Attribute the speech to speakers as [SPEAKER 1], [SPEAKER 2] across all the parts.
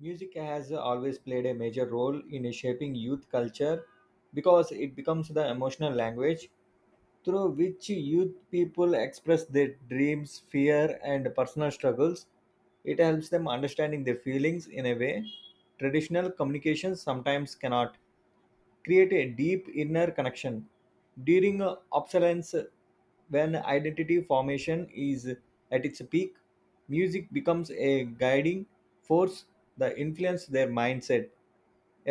[SPEAKER 1] Music has always played a major role in shaping youth culture because it becomes the emotional language through which youth people express their dreams, fear, and personal struggles. It helps them understanding their feelings in a way traditional communications sometimes cannot create a deep inner connection during obsolescence. When identity formation is at its peak, music becomes a guiding force that influences their mindset.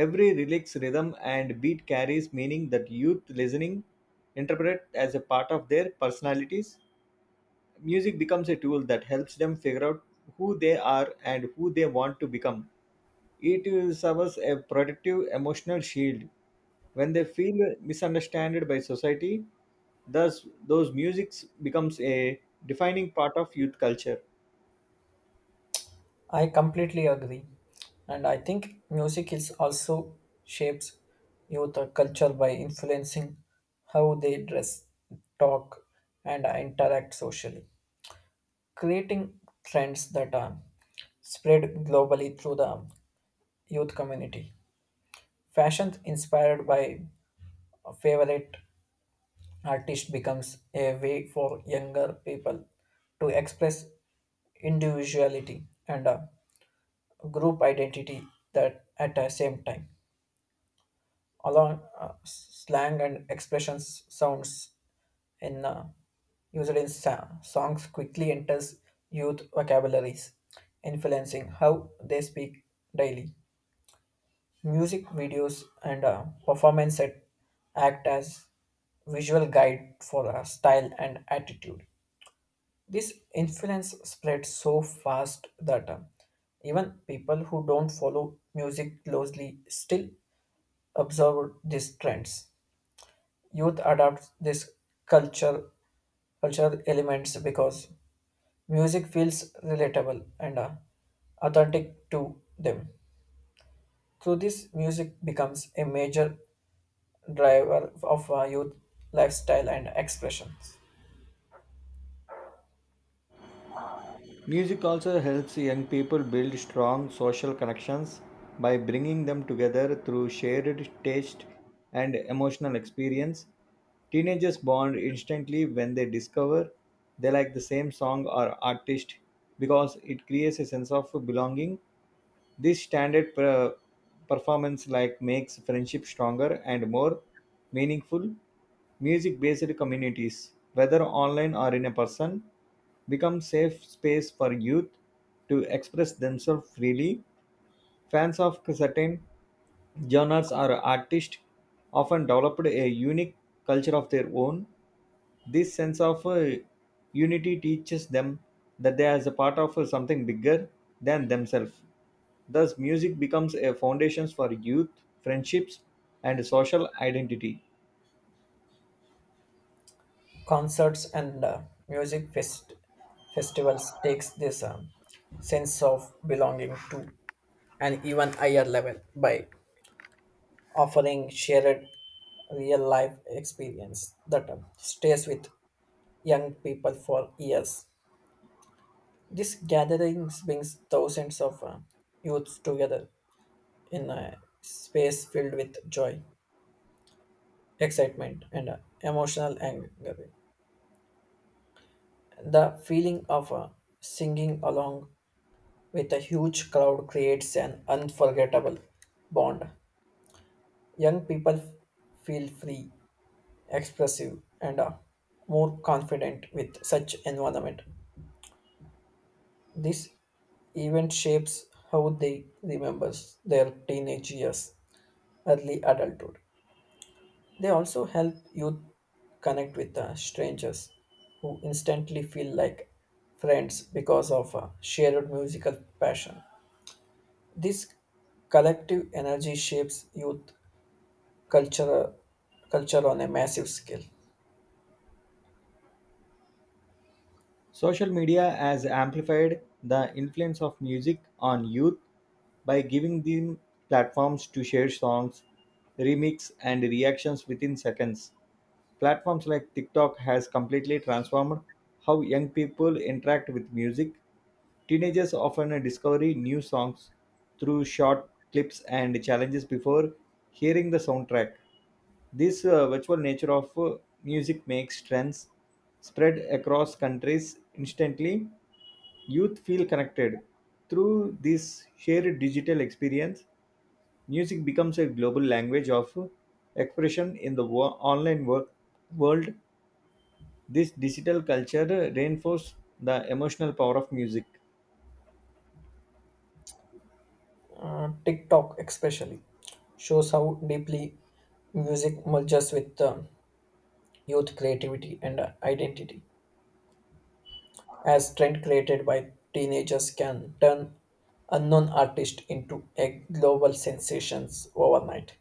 [SPEAKER 1] Every relaxed rhythm and beat carries meaning that youth listening interpret as a part of their personalities. Music becomes a tool that helps them figure out who they are and who they want to become. It serves a protective emotional shield when they feel misunderstood by society. Thus, those music becomes a defining part of youth culture.
[SPEAKER 2] I completely agree. And I think music is also shapes youth culture by influencing how they dress, talk, and interact socially, creating trends that are spread globally through the youth community. Fashion inspired by a favorite artist becomes a way for younger people to express individuality and group identity that at the same time along slang and expressions sounds in used in songs quickly enters youth vocabularies influencing how they speak daily music videos and performance set act as visual guide for style and attitude this influence spreads so fast that even people who don't follow music closely still observed these trends. Youth adopts this culture, cultural elements because music feels relatable and authentic to them. Through this, music becomes a major driver of youth lifestyle and expressions.
[SPEAKER 1] Music also helps young people build strong social connections by bringing them together through shared taste and emotional experience. Teenagers bond instantly when they discover they like the same song or artist because it creates a sense of belonging. This standard performance like makes friendship stronger and more meaningful. Music based communities, whether online or in a person, become safe space for youth to express themselves freely. Fans of certain genres or artists often developed a unique culture of their own. This sense of unity teaches them that they are as a part of something bigger than themselves. Thus, music becomes a foundation for youth, friendships, and social identity.
[SPEAKER 2] Concerts and music festivals takes this sense of belonging to an even higher level by offering shared real life experience that stays with young people for years. This gatherings brings thousands of youths together in a space filled with joy, excitement, and emotional anger. The feeling of singing along with a huge crowd creates an unforgettable bond. Young people feel free expressive, and more confident with such environment. This event shapes how they remembers their teenage years, early adulthood. They also help youth connect with strangers who instantly feel like friends because of a shared musical passion. This collective energy shapes youth culture, culture on a massive scale.
[SPEAKER 1] Social media has amplified the influence of music on youth by giving them platforms to share songs, remix, and reactions within seconds. Platforms like TikTok has completely transformed how young people interact with music. Teenagers often discover new songs through short clips and challenges before hearing the soundtrack. This virtual nature of music makes trends spread across countries instantly. Youth feel connected. Through this shared digital experience, music becomes a global language of expression in the online work world. This digital culture reinforced the emotional power of music.
[SPEAKER 2] TikTok especially shows how deeply music merges with youth creativity and identity, as trend created by teenagers can turn unknown artists into a global sensations overnight.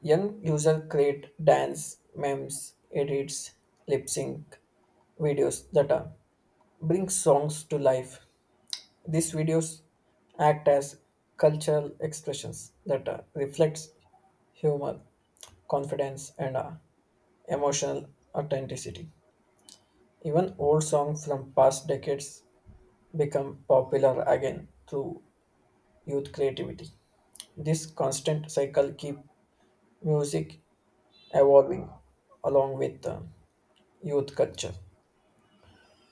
[SPEAKER 2] Young users create dance, memes, edits, lip sync videos that bring songs to life. These videos act as cultural expressions that reflects humor, confidence, and emotional authenticity. Even old songs from past decades become popular again through youth creativity. This constant cycle keep music evolving along with youth culture.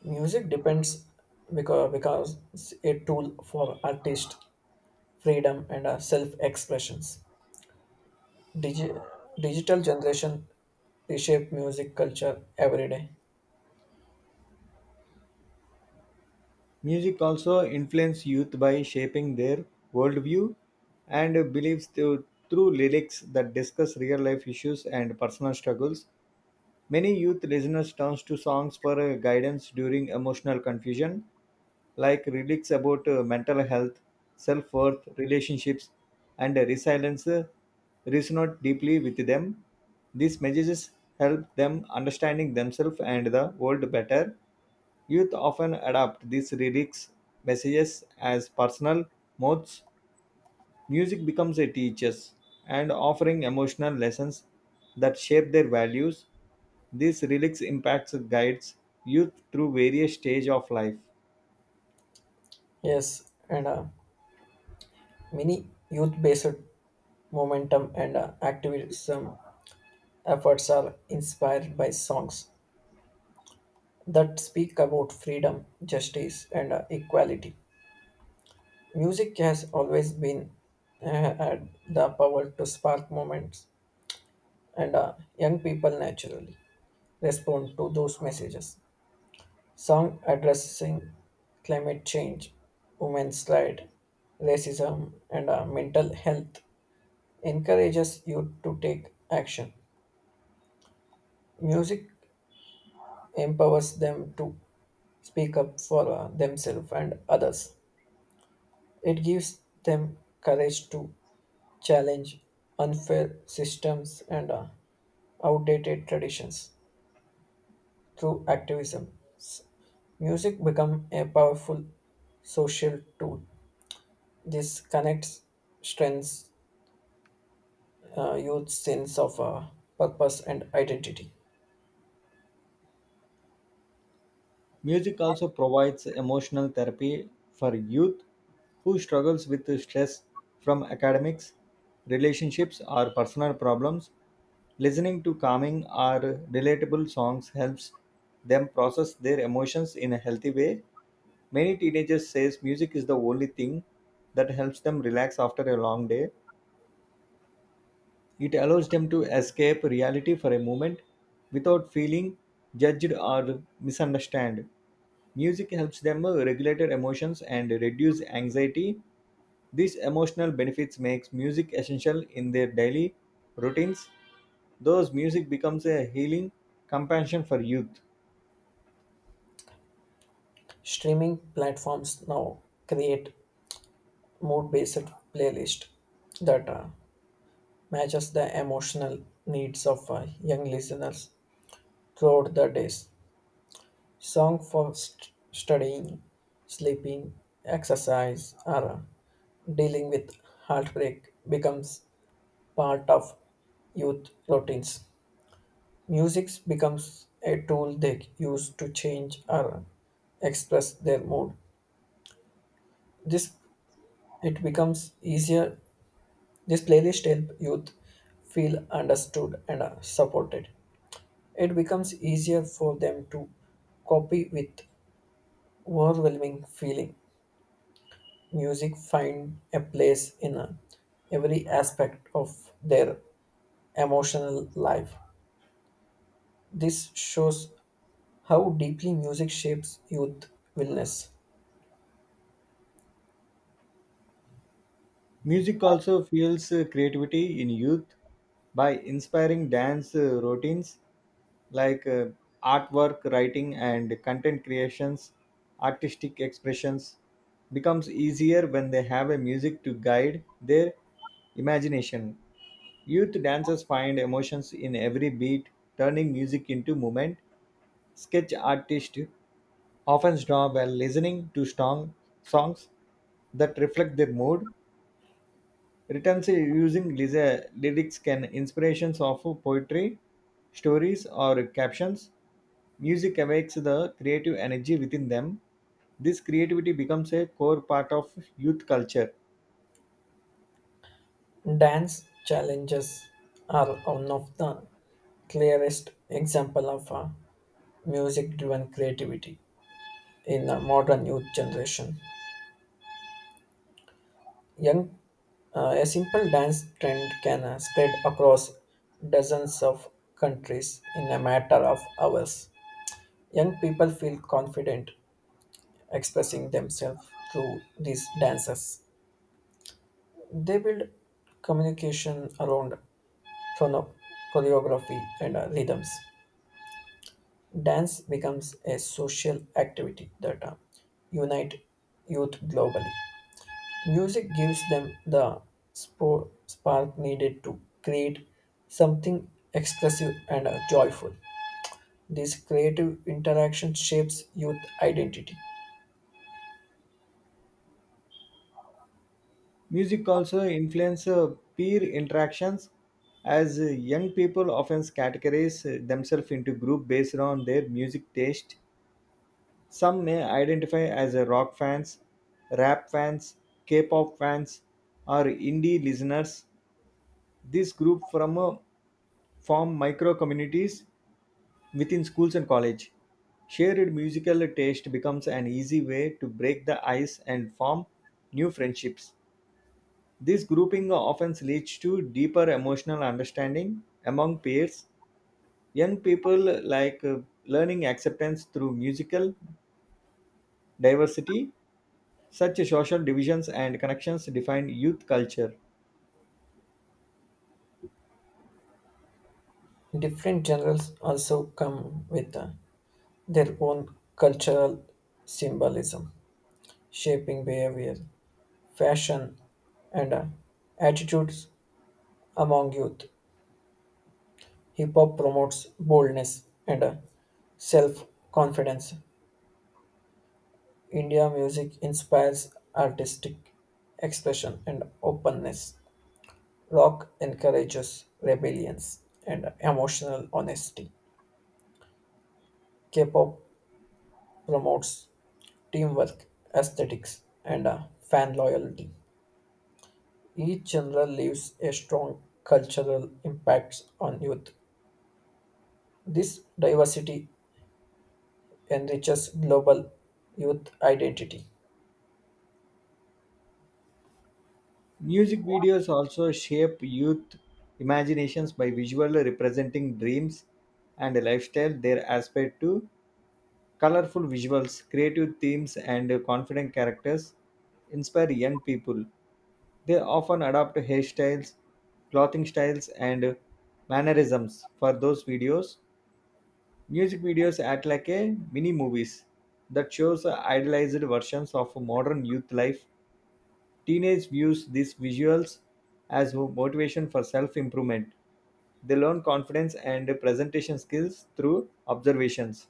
[SPEAKER 2] Music depends because it's a tool for artist freedom and self expressions. Digi- digital generation reshape music culture every day.
[SPEAKER 1] Music also influences youth by shaping their worldview and beliefs through lyrics that discuss real life issues and personal struggles. Many youth listeners turn to songs for guidance during emotional confusion, like lyrics about mental health, self worth, relationships, and resilience resonate deeply with them. These messages help them understanding themselves and the world better. Youth often adopt these lyrics messages as personal modes. Music becomes a teacher and offering emotional lessons that shape their values. These lyrics impacts guides youth through various stages of life.
[SPEAKER 2] Yes, and many youth-based momentum and activism efforts are inspired by songs that speak about freedom, justice, and equality. Music has always been uh, had the power to spark moments, and young people naturally respond to those messages. Song addressing climate change, women's rights, racism, and mental health encourages youth to take action. Music empowers them to speak up for themselves and others. It gives them courage to challenge unfair systems and outdated traditions through activism. s- Music become a powerful social tool. This connects strengths, youth sense of purpose and identity.
[SPEAKER 1] Music also provides emotional therapy for youth who struggles with stress from academics, relationships or personal problems. Listening to calming or relatable songs helps them process their emotions in a healthy way. Many teenagers says music is the only thing that helps them relax after a long day. It allows them to escape reality for a moment without feeling judged or misunderstood. Music helps them regulate their emotions and reduce anxiety. These emotional benefits makes music essential in their daily routines. Thus, music becomes a healing companion for youth.
[SPEAKER 2] Streaming platforms now create mood-based playlist that matches the emotional needs of young listeners throughout the days. Song for studying, sleeping, exercise, or dealing with heartbreak becomes part of youth routines. Music becomes a tool they use to change or express their mood. This it becomes easier. This playlist help youth feel understood and supported. It becomes easier for them to copy with overwhelming feeling. Music find a place in every aspect of their emotional life. This shows how deeply music shapes youth wellness.
[SPEAKER 1] Music also fuels creativity in youth by inspiring dance routines like artwork, writing and content creations. Artistic expressions becomes easier when they have a music to guide their imagination. Youth dancers find emotions in every beat, turning music into movement. Sketch artists often draw while listening to strong songs that reflect their mood. Written say using lyrics can inspirations of poetry, stories or captions. Music awakes the creative energy within them. This creativity becomes a core part of youth culture.
[SPEAKER 2] Dance challenges are one of the clearest example of music-driven creativity in the modern youth generation. Young, a simple dance trend can spread across dozens of countries in a matter of hours. Young people feel confident expressing themselves through these dances. They build communication around chrono- choreography and rhythms. Dance becomes a social activity that unite youth globally. Music gives them the spark needed to create something expressive and joyful. This creative interaction shapes youth identity.
[SPEAKER 1] Music also influences peer interactions as young people often categorize themselves into groups based on their music taste. Some may identify as a rock fans, rap fans, K-pop fans, or indie listeners. This group from a form micro-communities within schools and college. Shared musical taste becomes an easy way to break the ice and form new friendships. This grouping often leads to deeper emotional understanding among peers. Young people like learning acceptance through musical diversity. Such social divisions and connections define youth culture.
[SPEAKER 2] Different genres also come with their own cultural symbolism, shaping behavior, fashion, and attitudes among youth. Hip hop promotes boldness and self confidence. India music inspires artistic expression and openness. Rock encourages rebellions and emotional honesty. K pop promotes teamwork, aesthetics, and fan loyalty. Each genre leaves a strong cultural impact on youth. This diversity enriches global youth identity.
[SPEAKER 1] Music videos also shape youth imaginations by visually representing dreams and a lifestyle they aspire to. Colorful visuals, creative themes, and confident characters inspire young people. They often adopt hairstyles, clothing styles, and mannerisms for those videos. Music videos act like a mini movies that shows idealized versions of modern youth life. Teenage views these visuals as motivation for self-improvement. They learn confidence and presentation skills through observations.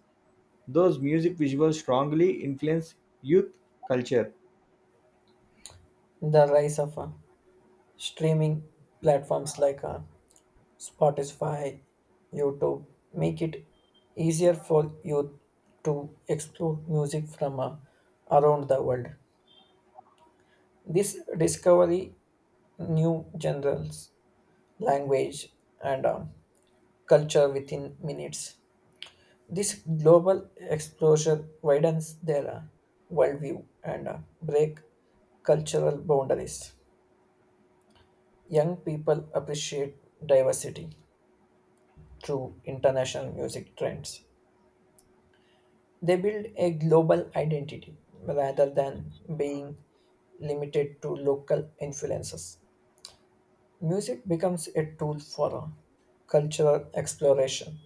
[SPEAKER 1] Those music visuals strongly influence youth culture.
[SPEAKER 2] The rise of Streaming platforms like Spotify, YouTube make it easier for youth to explore music from around the world. This discovery new genres, language, and culture within minutes. This global exposure widens their worldview and break cultural boundaries. Young people appreciate diversity through international music trends. They build a global identity rather than being limited to local influences. Music becomes a tool for cultural exploration.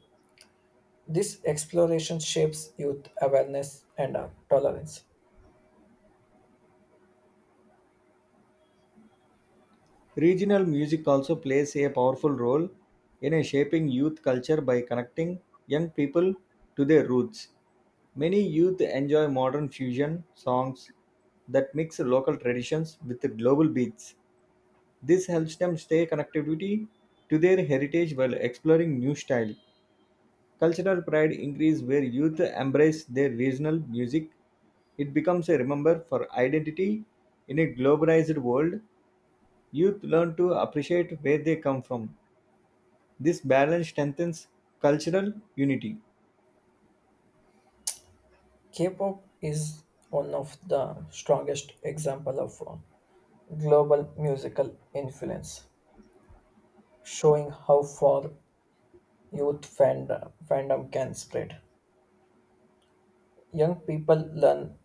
[SPEAKER 2] This exploration shapes youth awareness and tolerance.
[SPEAKER 1] Regional music also plays a powerful role in a shaping youth culture by connecting young people to their roots. Many youth enjoy modern fusion songs that mix local traditions with global beats. This helps them stay connectivity to their heritage while exploring new style. Cultural pride increase where youth embrace their regional music. It becomes a remember for identity in a globalized world. Youth learn to appreciate where they come from. This balance strengthens cultural unity.
[SPEAKER 2] K-pop is one of the strongest example of global musical influence, showing how far youth fandom can spread. Young people learn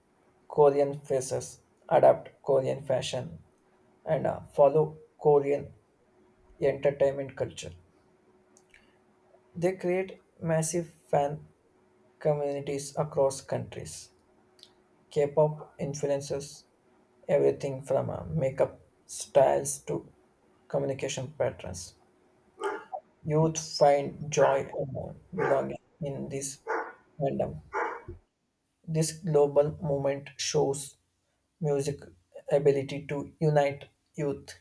[SPEAKER 2] Korean phrases, adapt Korean fashion, and follow Korean entertainment culture. They create massive fan communities across countries. K-pop influences everything from makeup styles to communication patterns. Youth find joy and belonging in this fandom. This global movement shows music ability to unite youth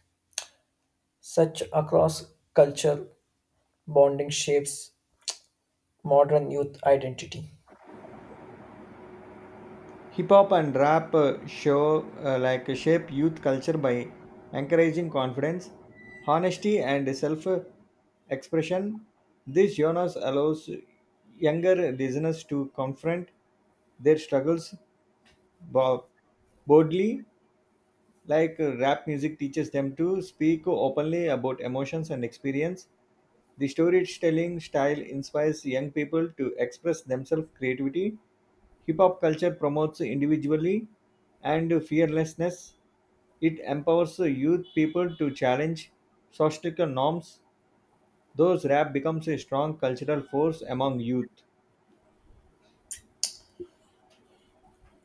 [SPEAKER 2] such across culture bonding shapes modern youth identity.
[SPEAKER 1] Hip hop and rap show like shape youth culture by encouraging confidence, honesty, and self expression. This genre allows younger listeners to confront their struggles bo- boldly, like rap music teaches them to speak openly about emotions and experience. The storytelling style inspires young people to express themselves creativity. Hip hop culture promotes individuality and fearlessness. It empowers youth people to challenge societal norms. Thus, rap becomes a strong cultural force among youth.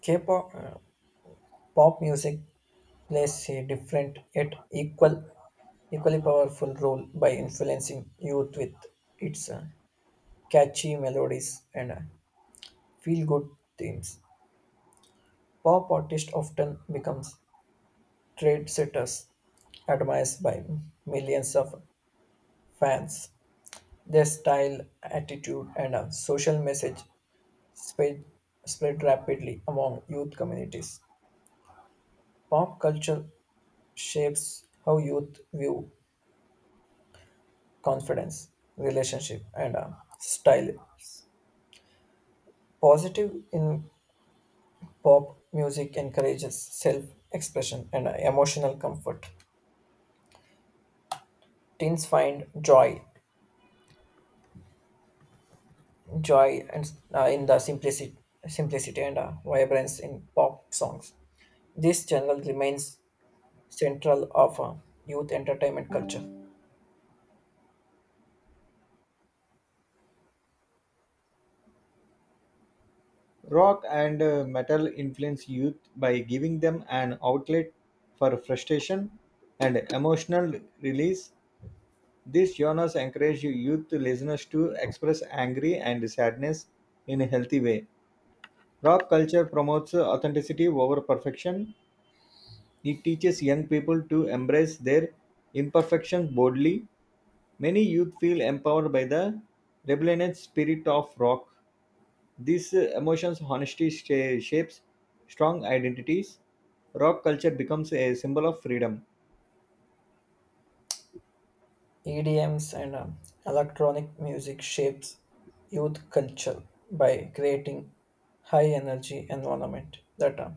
[SPEAKER 2] K-pop Pop music plays a different yet equally powerful role by influencing youth with its catchy melodies and feel-good themes pop artists often becomes trendsetters admired by millions of fans. Their style, attitude, and a social message spread, spread rapidly among youth communities. Pop culture shapes how youth view confidence, relationship, and style. Positive in pop music encourages self expression and emotional comfort. Teens find joy and in the simplicity and vibrance in pop songs. This channel remains central of youth entertainment culture.
[SPEAKER 1] Rock and metal influence youth by giving them an outlet for frustration and emotional release. These genres encourage youth listeners to express angry and sadness in a healthy way. Rock culture promotes authenticity over perfection. It teaches young people to embrace their imperfections boldly. Many youth feel empowered by the rebellious spirit of rock. These emotions, honesty shapes strong identities. Rock culture becomes a symbol of freedom.
[SPEAKER 2] EDMs and electronic music shapes youth culture by creating high energy environment that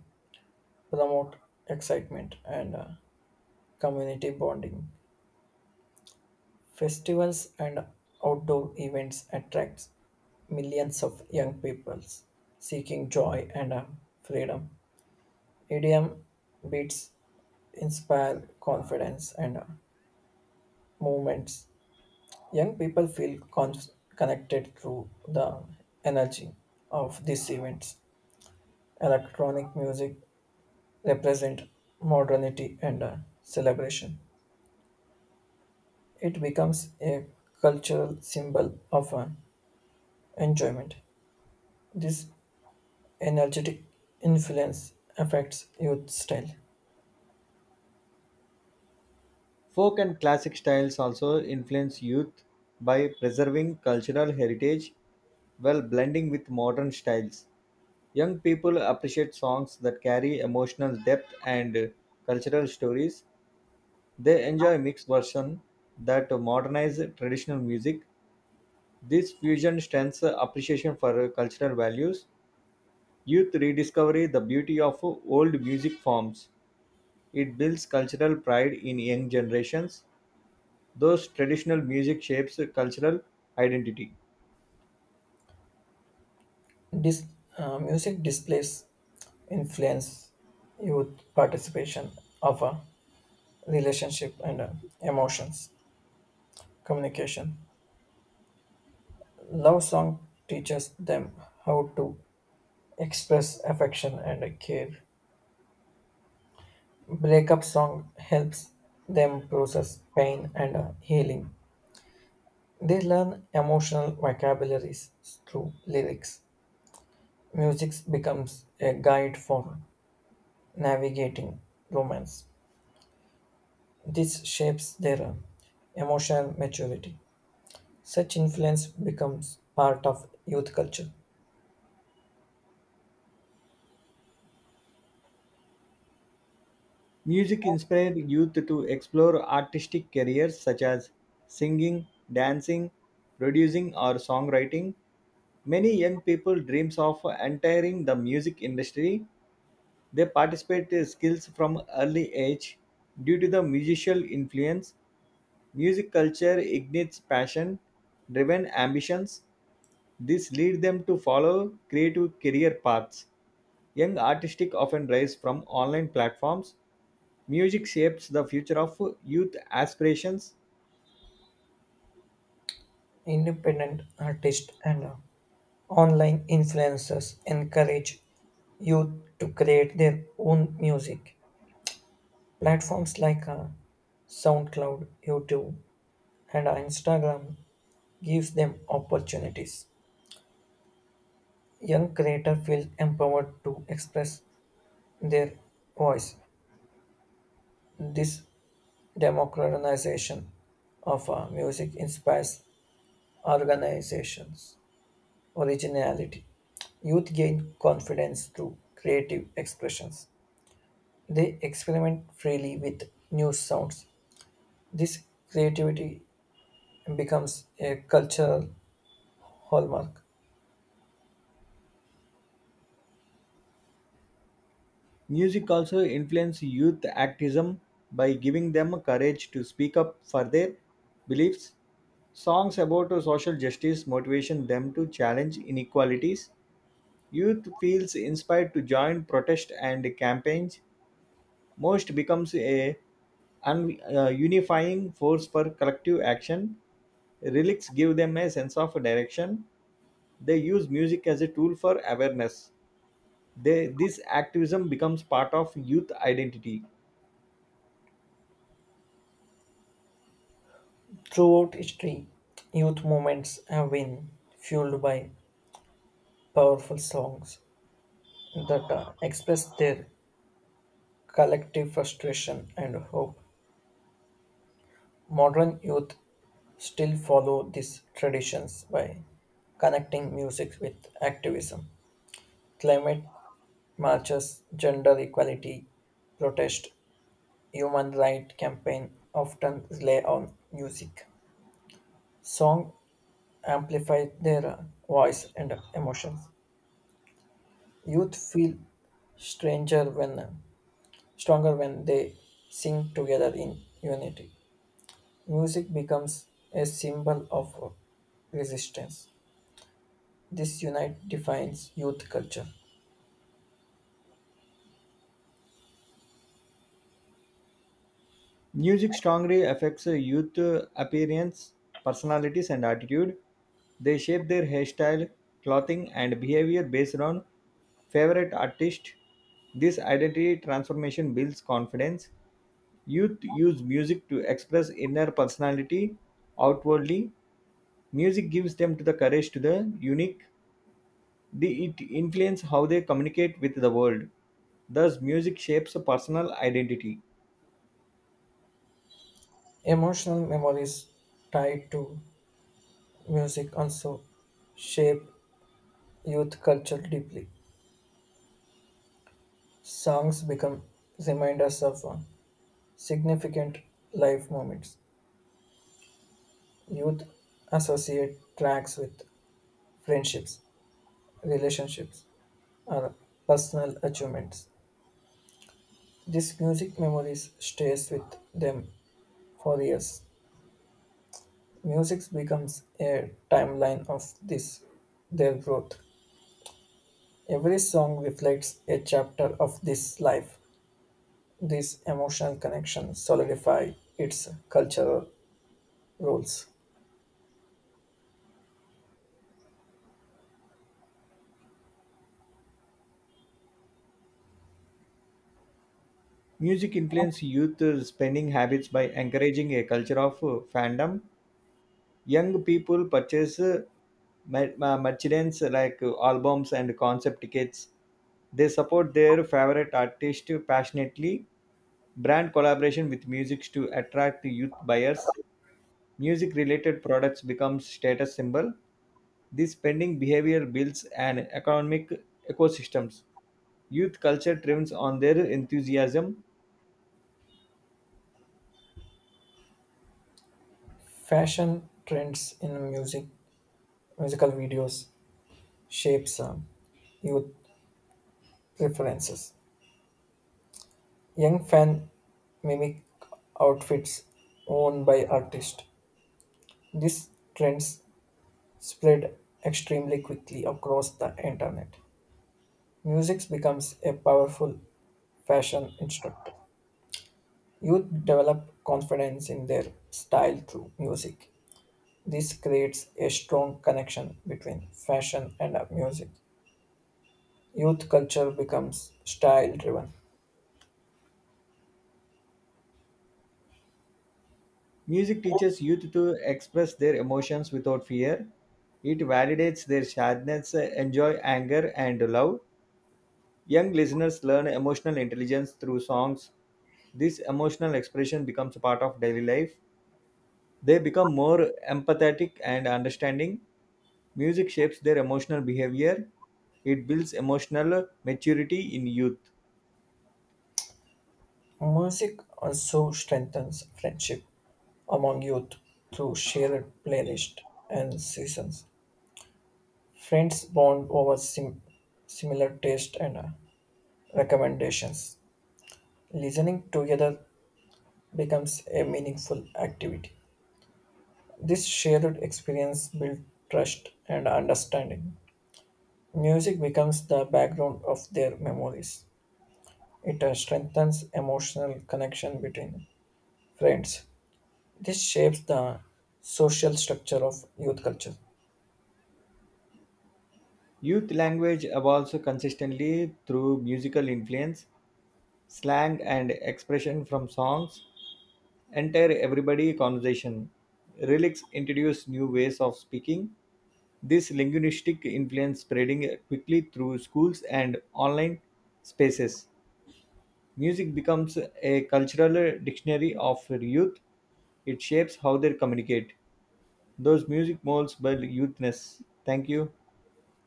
[SPEAKER 2] promote excitement and community bonding. Festivals and outdoor events attract millions of young people seeking joy and freedom. EDM beats inspire confidence and movements. Young people feel connected through the energy of these events. Electronic music represents modernity and celebration. It becomes a cultural symbol of enjoyment. This energetic influence affects youth style.
[SPEAKER 1] Folk and classic styles also influence youth by preserving cultural heritage while blending with modern styles. Young people appreciate songs that carry emotional depth and cultural stories. They enjoy mixed version that modernize traditional music. This fusion strengthens appreciation for cultural values. Youth rediscover the beauty of old music forms. It builds cultural pride in young generations. Those traditional music shapes cultural identity.
[SPEAKER 2] This music displays influence youth participation of a relationship and emotions communication. Love song teaches them how to express affection and care. Breakup song helps them process pain and healing. They learn emotional vocabularies through lyrics. Music becomes a guide for navigating romance. This shapes their emotional maturity. Such influence becomes part of youth culture.
[SPEAKER 1] Music inspired youth to explore artistic careers such as singing, dancing, producing, or songwriting. Many young people dreams of entering the music industry. They participate in skills from early age due to the musical influence. Music culture ignites passion, driven ambitions. This lead them to follow creative career paths. Young artistic often rise from online platforms. Music shapes the future of youth aspirations.
[SPEAKER 2] Independent artists and Online influencers encourage youth to create their own music. Platforms like SoundCloud, YouTube, and Instagram gives them opportunities. Young creators feel empowered to express their voice. This democratization of music inspires organizations originality. Youth gain confidence through creative expressions. They experiment freely with new sounds. This creativity becomes a cultural hallmark.
[SPEAKER 1] Music also influences youth activism by giving them courage to speak up for their beliefs. Songs about social justice motivation them to challenge inequalities. Youth feels inspired to join protest and campaigns. Most becomes a unifying force for collective action. Relics give them a sense of direction. They use music as a tool for awareness. This activism becomes part of youth identity.
[SPEAKER 2] Throughout history, youth movements have been fueled by powerful songs that express their collective frustration and hope. Modern youth still follow these traditions by connecting music with activism, climate marches, gender equality, protest, human rights campaign often rely on music. Song amplify their voice and emotions. Youth feel stranger when stronger when they sing together in unity. Music becomes a symbol of resistance. This unite defines youth culture.
[SPEAKER 1] Music strongly affects youth appearance, personalities, and attitude. They shape their hairstyle, clothing, and behavior based on favorite artist. This identity transformation builds confidence. Youth use music to express inner personality outwardly. Music gives them to the courage to the unique. It influences how they communicate with the world. Thus, music shapes a personal identity.
[SPEAKER 2] Emotional memories tied to music also shape youth culture deeply. Songs become reminders of significant life moments. Youth associate tracks with friendships, relationships, or personal achievements. This music memories stays with them for years. Music becomes a timeline of this their growth. Every song reflects a chapter of this life. This emotional connection solidify its cultural roles.
[SPEAKER 1] Music influences youth spending habits by encouraging a culture of fandom. Young people purchase merchandise like albums and concept tickets. They support their favorite artist passionately. Brand collaboration with music to attract youth buyers. Music related products become status symbol. This spending behavior builds an economic ecosystems. Youth culture thrives on their enthusiasm.
[SPEAKER 2] Fashion trends in musical videos shapes youth preferences. Young fans mimic outfits worn by artists. These trends spread extremely quickly across the internet. Music becomes a powerful fashion instructor. Youth develop confidence in their style through music. This creates a strong connection between fashion and music. Youth culture becomes style driven.
[SPEAKER 1] Music teaches youth to express their emotions without fear. It validates their sadness, enjoy anger, and love. Young listeners learn emotional intelligence through songs. This emotional expression becomes a part of daily life. They become more empathetic and understanding. Music shapes their emotional behavior. It builds emotional maturity in youth.
[SPEAKER 2] Music also strengthens friendship among youth through shared playlists and seasons. Friends bond over similar tastes and recommendations. Listening together becomes a meaningful activity. This shared experience builds trust and understanding. Music becomes the background of their memories. It strengthens emotional connection between friends. This shapes the social structure of youth culture.
[SPEAKER 1] Youth language evolves consistently through musical influence, slang, and expression from songs, enter everybody conversation. Relics introduce new ways of speaking. This linguistic influence spreading quickly through schools and online spaces. Music becomes a cultural dictionary of youth. It shapes how they communicate. Those music molds by youthness. Thank you.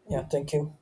[SPEAKER 2] Yeah, thank you.